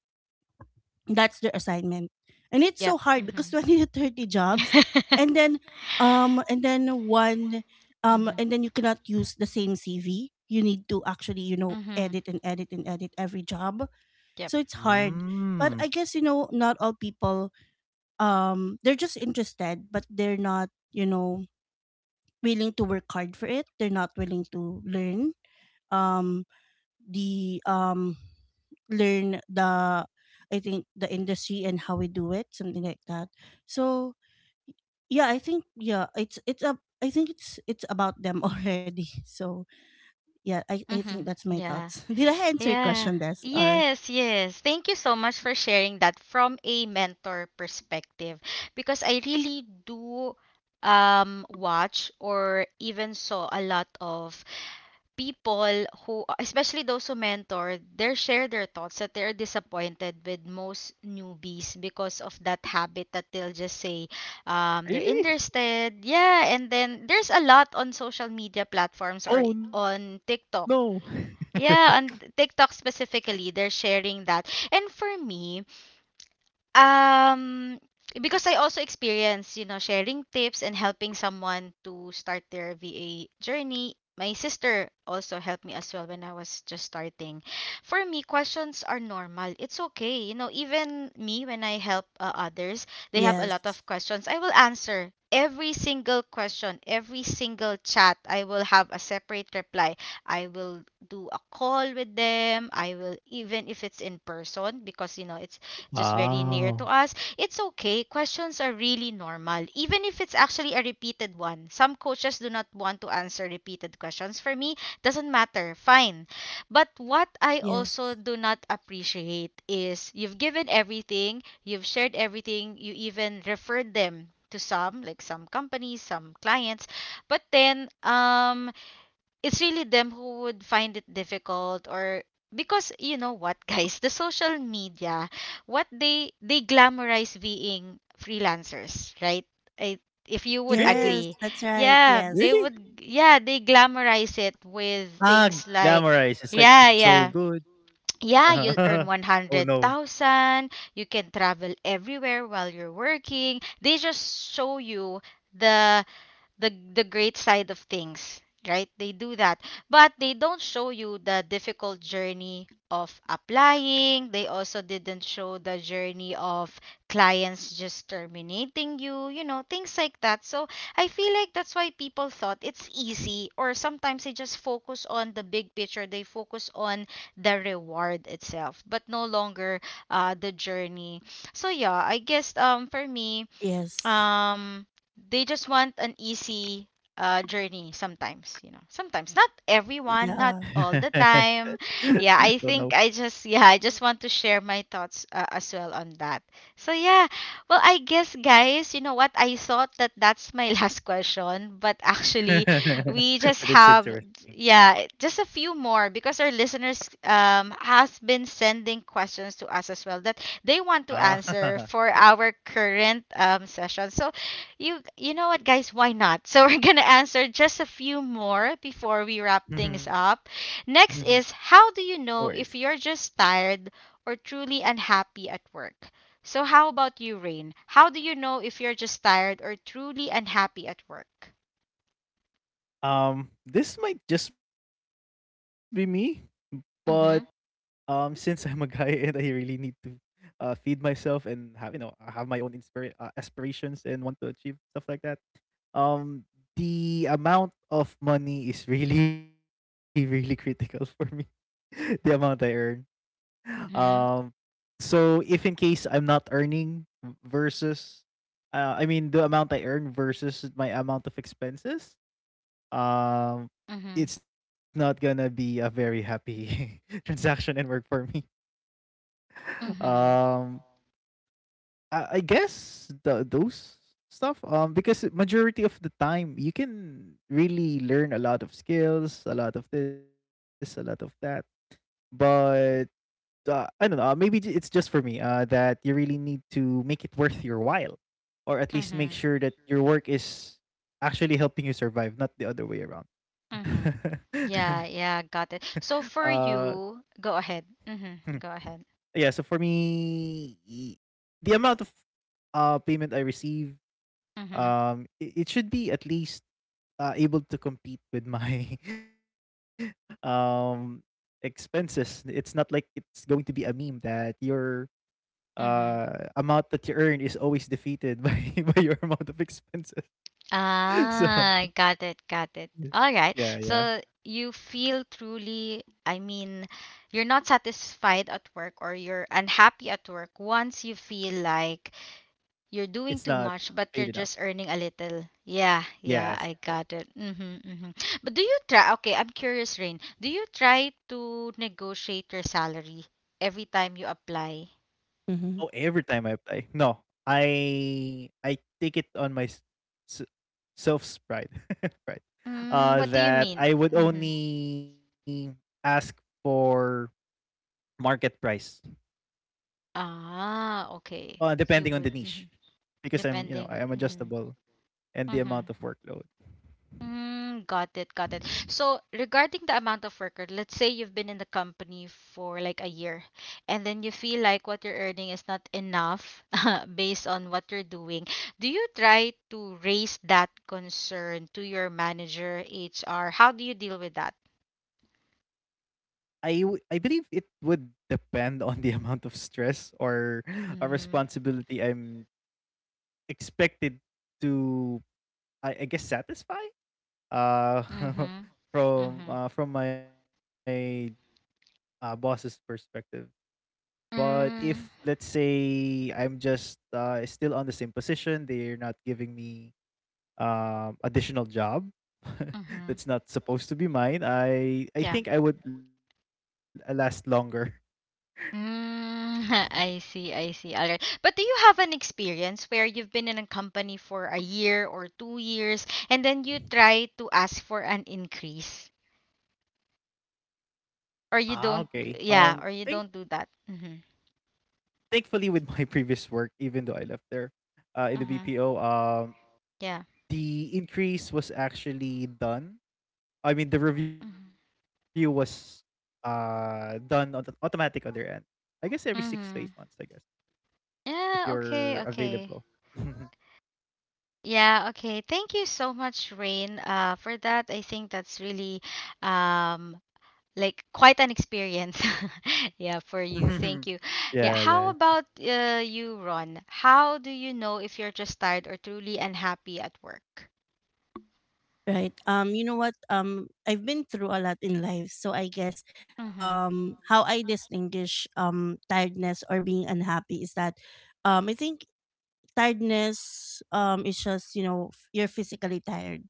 B: That's their assignment. And it's
A: Yep.
B: so hard because
A: Mhm.
B: 20 to 30 jobs, and then and then one
A: Mhm.
B: and then you cannot use the same CV. You need to actually, you know,
A: Mhm.
B: edit and edit and edit every job.
A: Yep.
B: So it's hard. But
C: Mm.
B: I guess, you know, not all people, they're just interested but they're not, you know, willing to work hard for it. They're not willing to learn. Um the Learn the, I think, the industry and how we do it, something like that. So yeah, I think, it's a I think it's about them already. So yeah, I think
A: Mhm.
B: that's my
A: Yeah.
B: thoughts. Did I answer your
A: Yeah.
B: question, Des? Or
A: Yes, yes. Thank you so much for sharing that from a mentor perspective, because I really do watch or even saw a lot of people, who especially those who mentor, they share their thoughts that they're disappointed with most newbies because of that habit, that they'll just say they're
C: Really?
A: interested, yeah, and then there's a lot on social media platforms or
C: Oh, no.
A: on TikTok, yeah, on TikTok specifically, they're sharing that. And for me, um, because I also experience, you know, sharing tips and helping someone to start their VA journey. My sister also helped me as well when I was just starting. For me, questions are normal. It's okay. You know, even me, when I help others, they have a lot
B: yes.
A: of questions. I will answer every single question, every single chat. I will have a separate reply. I will do a call with them. I will, even if it's in person, because, you know, it's just very near to
C: Wow.
A: us. It's okay. Questions are really normal, even if it's actually a repeated one. Some coaches do not want to answer repeated questions. For me, doesn't matter. Fine. But what I
B: Yes.
A: also do not appreciate is, you've given everything, you've shared everything, you even referred them to some, like some companies, some clients. But then, it's really them who would find it difficult, or because, you know what, guys, the social media, what they glamorize being freelancers, right? I, if you would
B: Yes,
C: Really?
A: agree,
B: that's right.
A: yeah,
B: Yes.
A: they
C: Really?
A: would, yeah, they glamorize it
C: Ah,
A: with things
C: glamorized. It's like
A: like,
C: it's so
A: yeah,
C: good.
A: yeah, yeah, you'll
C: Uh-huh.
A: earn
C: Oh no.
A: 100,000, you can travel everywhere while you're working. They just show you the the great side of things, right? They do that. But they don't show you the difficult journey of applying. They also didn't show the journey of clients just terminating you, you know, things like that. So I feel like that's why people thought it's easy, or sometimes they just focus on the big picture. They focus on the reward itself, but no longer the journey. So yeah, I guess for me,
B: Yes.
A: um they just want an easy journey sometimes, you know, sometimes not everyone, not
B: Yeah.
A: all the time.
C: Oh no.
A: Yeah, I think I just want to share my thoughts, as well on that. So yeah. Well, I guess, guys, you know what? I thought that that's my last question, but actually we just
C: But it's
A: have,
C: interesting.
A: yeah, just a few more, because our listeners has been sending questions to us as well that they want
C: Ah,
A: to answer
C: yeah.
A: for our current session. So, you know what, guys? Why not? So we're gonna answer just a few more before we wrap things
C: No
A: up. Next is,
C: worries.
A: how do you know if you're just tired or truly unhappy at work? So how about you, Rain? How do you know if you're just tired or truly unhappy at work?
C: This might just be me, but since I'm a
A: Mhm.
C: guy and I really need to feed myself and have have my own aspirations and want to achieve stuff like that. Um, the amount of money is really really critical for me. the amount I earn. Um,
A: Mhm.
C: so if in case I'm not earning versus, I mean the amount I earn versus my amount of expenses, um,
A: Mhm.
C: it's not gonna be a very happy transaction and work for me.
A: Mhm.
C: Um, I guess the those stuff. Majority of the time you can really learn a lot of skills, a lot of this, a lot of that. But I don't know. Maybe it's just for me. That you really need to make it worth your while, or at least make
A: Mhm.
C: sure that your work is actually helping you survive, not the other way around.
A: Mhm. Yeah, yeah, got it.
C: uh
A: So for you, go ahead.
C: Mhm.
A: Mhm. Go ahead.
C: Yeah, so for me, the amount of payment I receive,
A: Mhm,
C: it should be at least able to compete with my um expenses. It's not like it's going to be a meme that your
A: mhm.
C: amount that you earn is always defeated by by your amount of expenses. So
A: Ah, got it, got it. All right.
C: yeah, yeah,
A: So you feel truly, I mean, you're not satisfied at work, or you're unhappy at work, once you feel like you're
C: it's
A: doing
C: not
A: too much,
C: paid
A: but you're
C: enough.
A: just earning a little. Yeah, yeah,
C: Yeah.
A: I got it. Mm-hmm, mm-hmm. But okay, I'm curious, Rain. Do you try to negotiate your salary every time you apply?
C: Oh,
B: Mm-hmm.
C: every time I apply. No, I take it on my s- self's pride, pride,
A: Mm, what do you
C: that
A: mean?
C: I would only ask for market price,
A: Ah, okay.
C: depending on
A: You
C: the
A: would,
C: niche,
A: mhm,
C: because I'm I
A: depending on.
C: am
A: Mhm,
C: adjustable and the
A: mhm.
C: amount of workload.
A: Mm, got it, got it. So, regarding the amount of worker, let's say you've been in the company for like a year, and then you feel like what you're earning is not enough based on what you're doing. Do you try to raise that concern to your manager, HR? How do you deal with that?
C: I believe it would depend on the amount of stress or a
A: Mm-hmm,
C: responsibility I'm expected to, I guess, satisfy uh
A: mm-hmm, mm-hmm,
C: from my boss's perspective. But if let's say I'm just still on the same position, they're not giving me additional job
A: mm-hmm.
C: that's not supposed to be mine. I
A: Yeah.
C: think I would last longer.
A: Mm, I see, I see. All right. But do you have an experience where you've been in a company for a year or 2 years, and then you try to ask for an increase?
C: Ah, okay.
A: Or you don't,
C: Think
A: yeah, or you don't do that. Mm-hmm.
C: Thankfully with my previous work, even though I left there, in the
A: Mm-hmm.
C: BPO,
A: Yeah.
C: the increase was actually done. I mean, the review was done on the automatic on their end. I guess every 6 to 8 months. I guess
A: Mm-hmm.
C: if
A: Yeah,
C: you're
A: okay,
C: available.
A: okay. Yeah, okay. Thank you so much, Rain, for that. I think that's really um like quite an experience. Yeah, for you. Thank you.
C: yeah,
A: Yeah,
C: yeah.
A: how about you, Ron? How do you know if you're just tired or truly unhappy at work?
B: Right. You know what? I've been through a lot in life, so I guess,
A: Mhm.
B: how I distinguish tiredness or being unhappy is that, I think tiredness is just, you know, you're physically tired.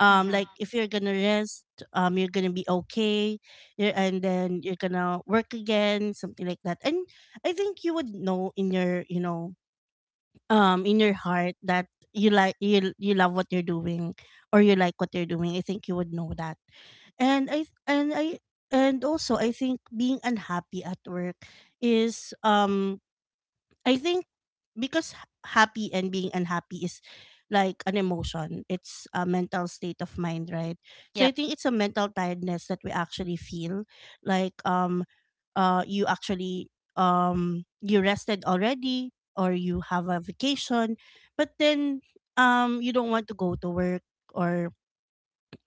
B: Like
A: Mhm.
B: if you're gonna rest, you're gonna be okay, and then you're gonna work again, something like that. And I think you would know in your, you know, in your heart, that you like, you love what you're doing, or you like what you're doing. I think you would know that. and i and i and also I think being unhappy at work is, I think, because happy and being unhappy is like an emotion. It's a mental state of mind, right? So I
A: Yep.
B: think it's a mental tiredness that we actually feel. Like um you actually, you rested already, or you have a vacation, but then, you don't want to go to work, or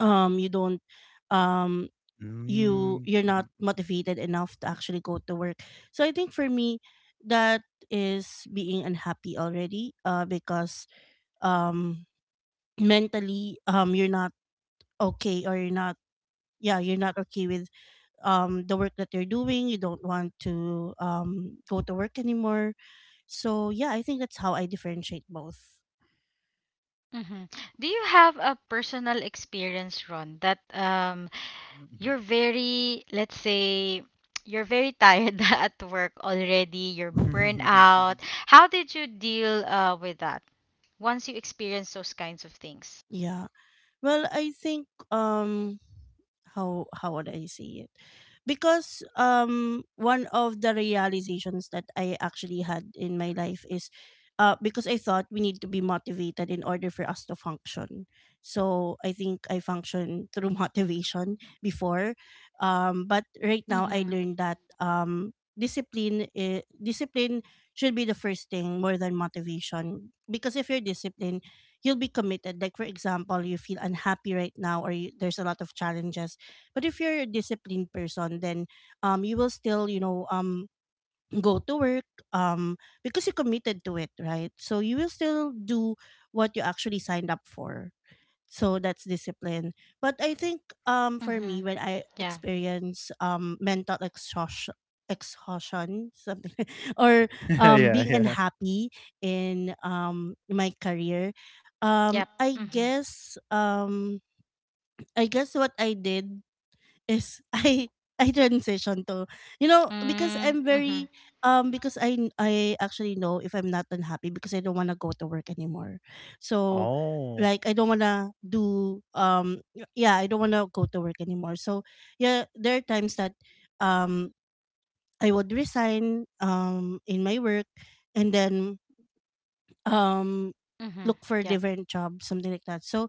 B: you don't um
C: Mm.
B: you you're not motivated enough to actually go to work. So I think for me, that is being unhappy already, because, um mentally, you're not okay, or you're not okay with the work that you're doing. You don't want to go to work anymore. So yeah, I think that's how I differentiate both.
A: Mhm. Do you have a personal experience, Ron, that you're very, let's say, you're very tired at work already, you're burned out? How did you deal with that once you experience those kinds of things?
B: Yeah, well I think, how would I say it? Because one of the realizations that I actually had in my life is, because I thought we need to be motivated in order for us to function. So I think I function through motivation before. But right now I
A: Mhm.
B: learned that, discipline should be the first thing, more than motivation. Because if you're disciplined, you'll be committed. Like for example, you feel unhappy right now, there's a lot of challenges, but if you're a disciplined person, then, you will still, you know, go to work, because you committed to it, right? So you will still do what you actually signed up for. So that's discipline. But I think, for me,
A: Mhm.
B: when I
A: Yeah.
B: experience, mental exhaustion, something, or
C: yeah,
B: being
C: yeah.
B: unhappy in my career,
A: Yep.
B: I
A: Mhm.
B: guess, I guess what I did. Yes, I transition to, you know, because
A: Mm,
B: I'm
A: mhm,
B: very, because I actually know if I'm not unhappy, because I don't want to go to work anymore. So,
C: Oh.
B: like, I don't want to do, yeah, I don't want to go to work anymore. So yeah, there are times that, um I would resign in my work, and then um
A: mhm.
B: look for a
A: Yep,
B: different job, something like that. So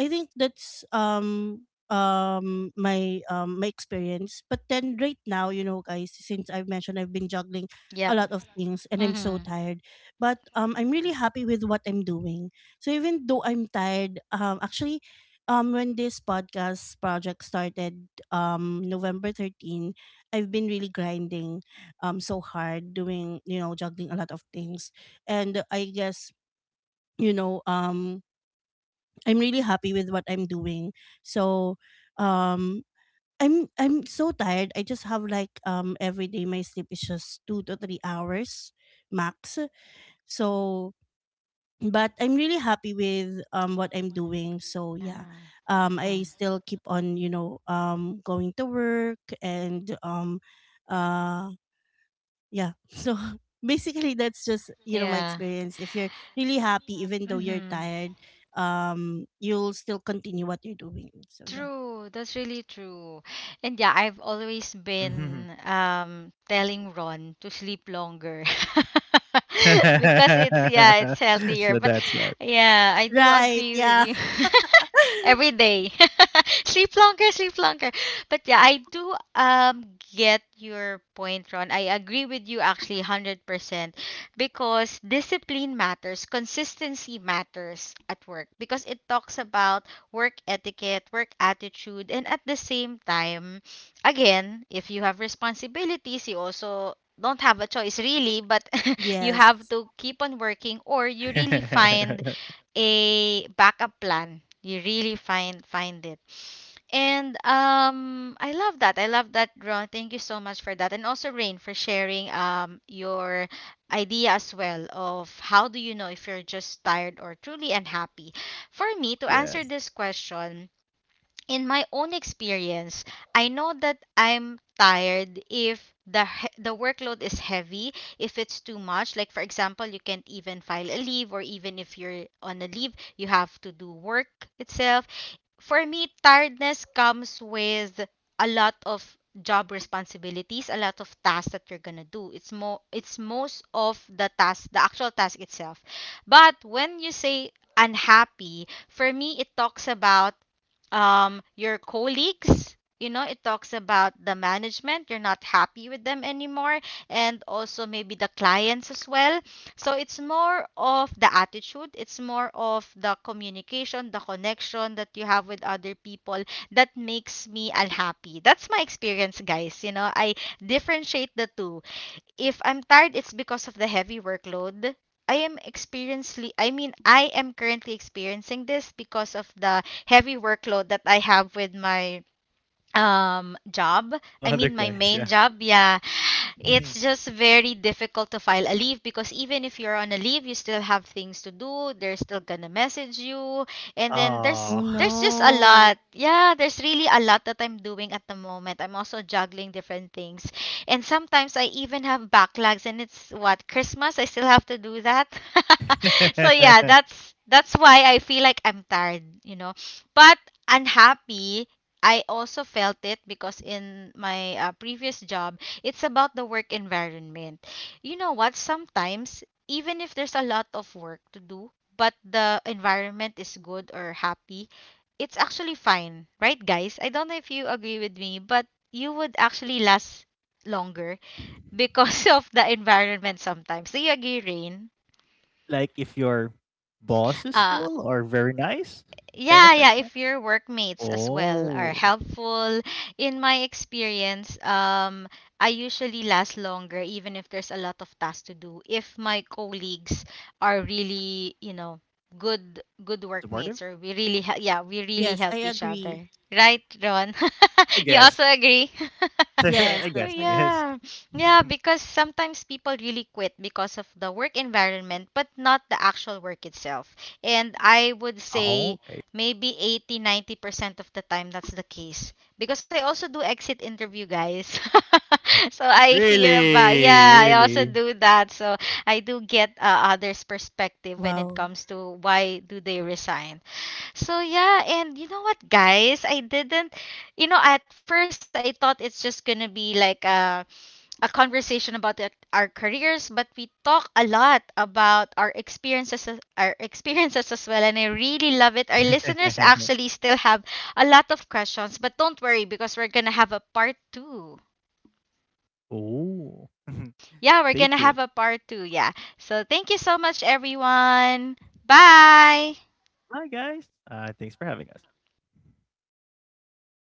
B: I think that's, my, my experience. But then right now, you know, guys, since I've mentioned, I've been juggling
A: yep.
B: a lot of things and I'm so
A: Mhm.
B: tired. But I'm really happy with what I'm doing. So even though I'm tired, actually, when this podcast project started, November 13, I've been really grinding so hard, doing, you know, juggling a lot of things. And I guess, you know, I'm really happy with what I'm doing. So, um, I'm so tired. I just have, like, every day my sleep is just 2 to 3 hours max. So, but I'm really happy with what I'm doing. So yeah,
A: Yeah.
B: I
A: Mhm.
B: still keep on, you know, going to work, and, uh yeah. So basically that's just, you know, my
A: Yeah.
B: experience. If you're really happy, even though
A: Mm-hmm.
B: you're tired, you'll still continue what you're doing. So yeah.
A: True, that's really true. And yeah, I've always been telling Ron to sleep longer. Because
C: so
A: it's healthier. But
C: that's what.
A: yeah, I do
B: Right.
A: agree with
B: Yeah.
A: you. Every day. Sleep longer, sleep longer. But yeah, I do get your point, Ron. I agree with you actually 100% because discipline matters, consistency matters at work, because it talks about work etiquette, work attitude, and at the same time, again, if you have responsibilities, you also don't have a choice really, but you
B: Yes.
A: have to keep on working, or you really find a backup plan. You really find it. And I love that. I love that, Ron. Thank you so much for that. And also Rain, for sharing your idea as well of how do you know if you're just tired or truly unhappy. For me, to answer
C: yes.
A: this question, in my own experience, I know that I'm tired if the the workload is heavy, if it's too much. Like for example, you can't even file a leave, or even if you're on a leave, you have to do work itself. For me, tiredness comes with a lot of job responsibilities, a lot of tasks that you're gonna do. It's more, it's most of the task, the actual task itself. But when you say unhappy, for me it talks about your colleagues, you know, it talks about the management, you're not happy with them anymore, and also maybe the clients as well. So it's more of the attitude, it's more of the communication, the connection that you have with other people, that makes me unhappy. That's my experience, guys. You know, I differentiate the two. If I'm tired, it's because of the heavy workload. I am experiencing, I mean, I am currently experiencing this because of the heavy workload that I have with my job. I
C: Other
A: mean, my
C: clients,
A: main
C: yeah.
A: job. Yeah,
C: Mhm.
A: it's just very difficult to file a leave, because even if you're on a leave you still have things to do, they're still gonna message you, and then there's
B: Oh
C: Oh.
A: there's just a
B: no.
A: lot. Yeah, there's really a lot that I'm doing at the moment. I'm also juggling different things, and sometimes I even have backlogs, and it's, what, Christmas, I still have to do that. So yeah, that's why I feel like I'm tired, you know. But unhappy, I also felt it because in my previous job, it's about the work environment. You know what? Sometimes, even if there's a lot of work to do, but the environment is good or happy, it's actually fine, right, guys? I don't know if you agree with me, but you would actually last longer because of the environment sometimes. Do you agree, Rain?
C: Like if your boss is
A: Uh,
C: cool or very nice, kind of
A: Yeah,
C: like
A: yeah,
C: that.
A: if your workmates as well are
C: Oh.
A: helpful. In my experience, I usually last longer even if there's a lot of tasks to do. If my colleagues are really, you know, good
C: Supportive?
A: workmates, or we really yeah, we really
B: Yes, I
A: help each
B: agree.
A: other. Right, Ron?
C: I
A: You
C: guess.
A: also
C: I
A: agree?
C: guess. I guess.
B: Yes, that's right.
A: Yeah. Yeah, because sometimes people really quit because of the work environment, but not the actual work itself. And I would
C: Oh,
A: say,
C: okay.
A: maybe 80-90% of the time that's the case. Because I also do exit interview, guys. So I hear about,
C: Really,
A: yeah, I also
C: really.
A: do that. So I do get others' perspective when it
B: Wow.
A: comes to why do they resign. So yeah, and you know what, guys? I didn't, you know, at first I thought it's just gonna be like a conversation about it, our careers, but we talk a lot about our experiences, our experiences as well, and I really love it. Our listeners actually still have a lot of questions, but don't worry, because we're gonna have a part two.
C: Oh,
A: Yeah, we're
C: stay
A: gonna
C: tuned.
A: have a part two. Yeah. So thank you so much, everyone. Bye.
C: Bye, guys. Thanks for having us.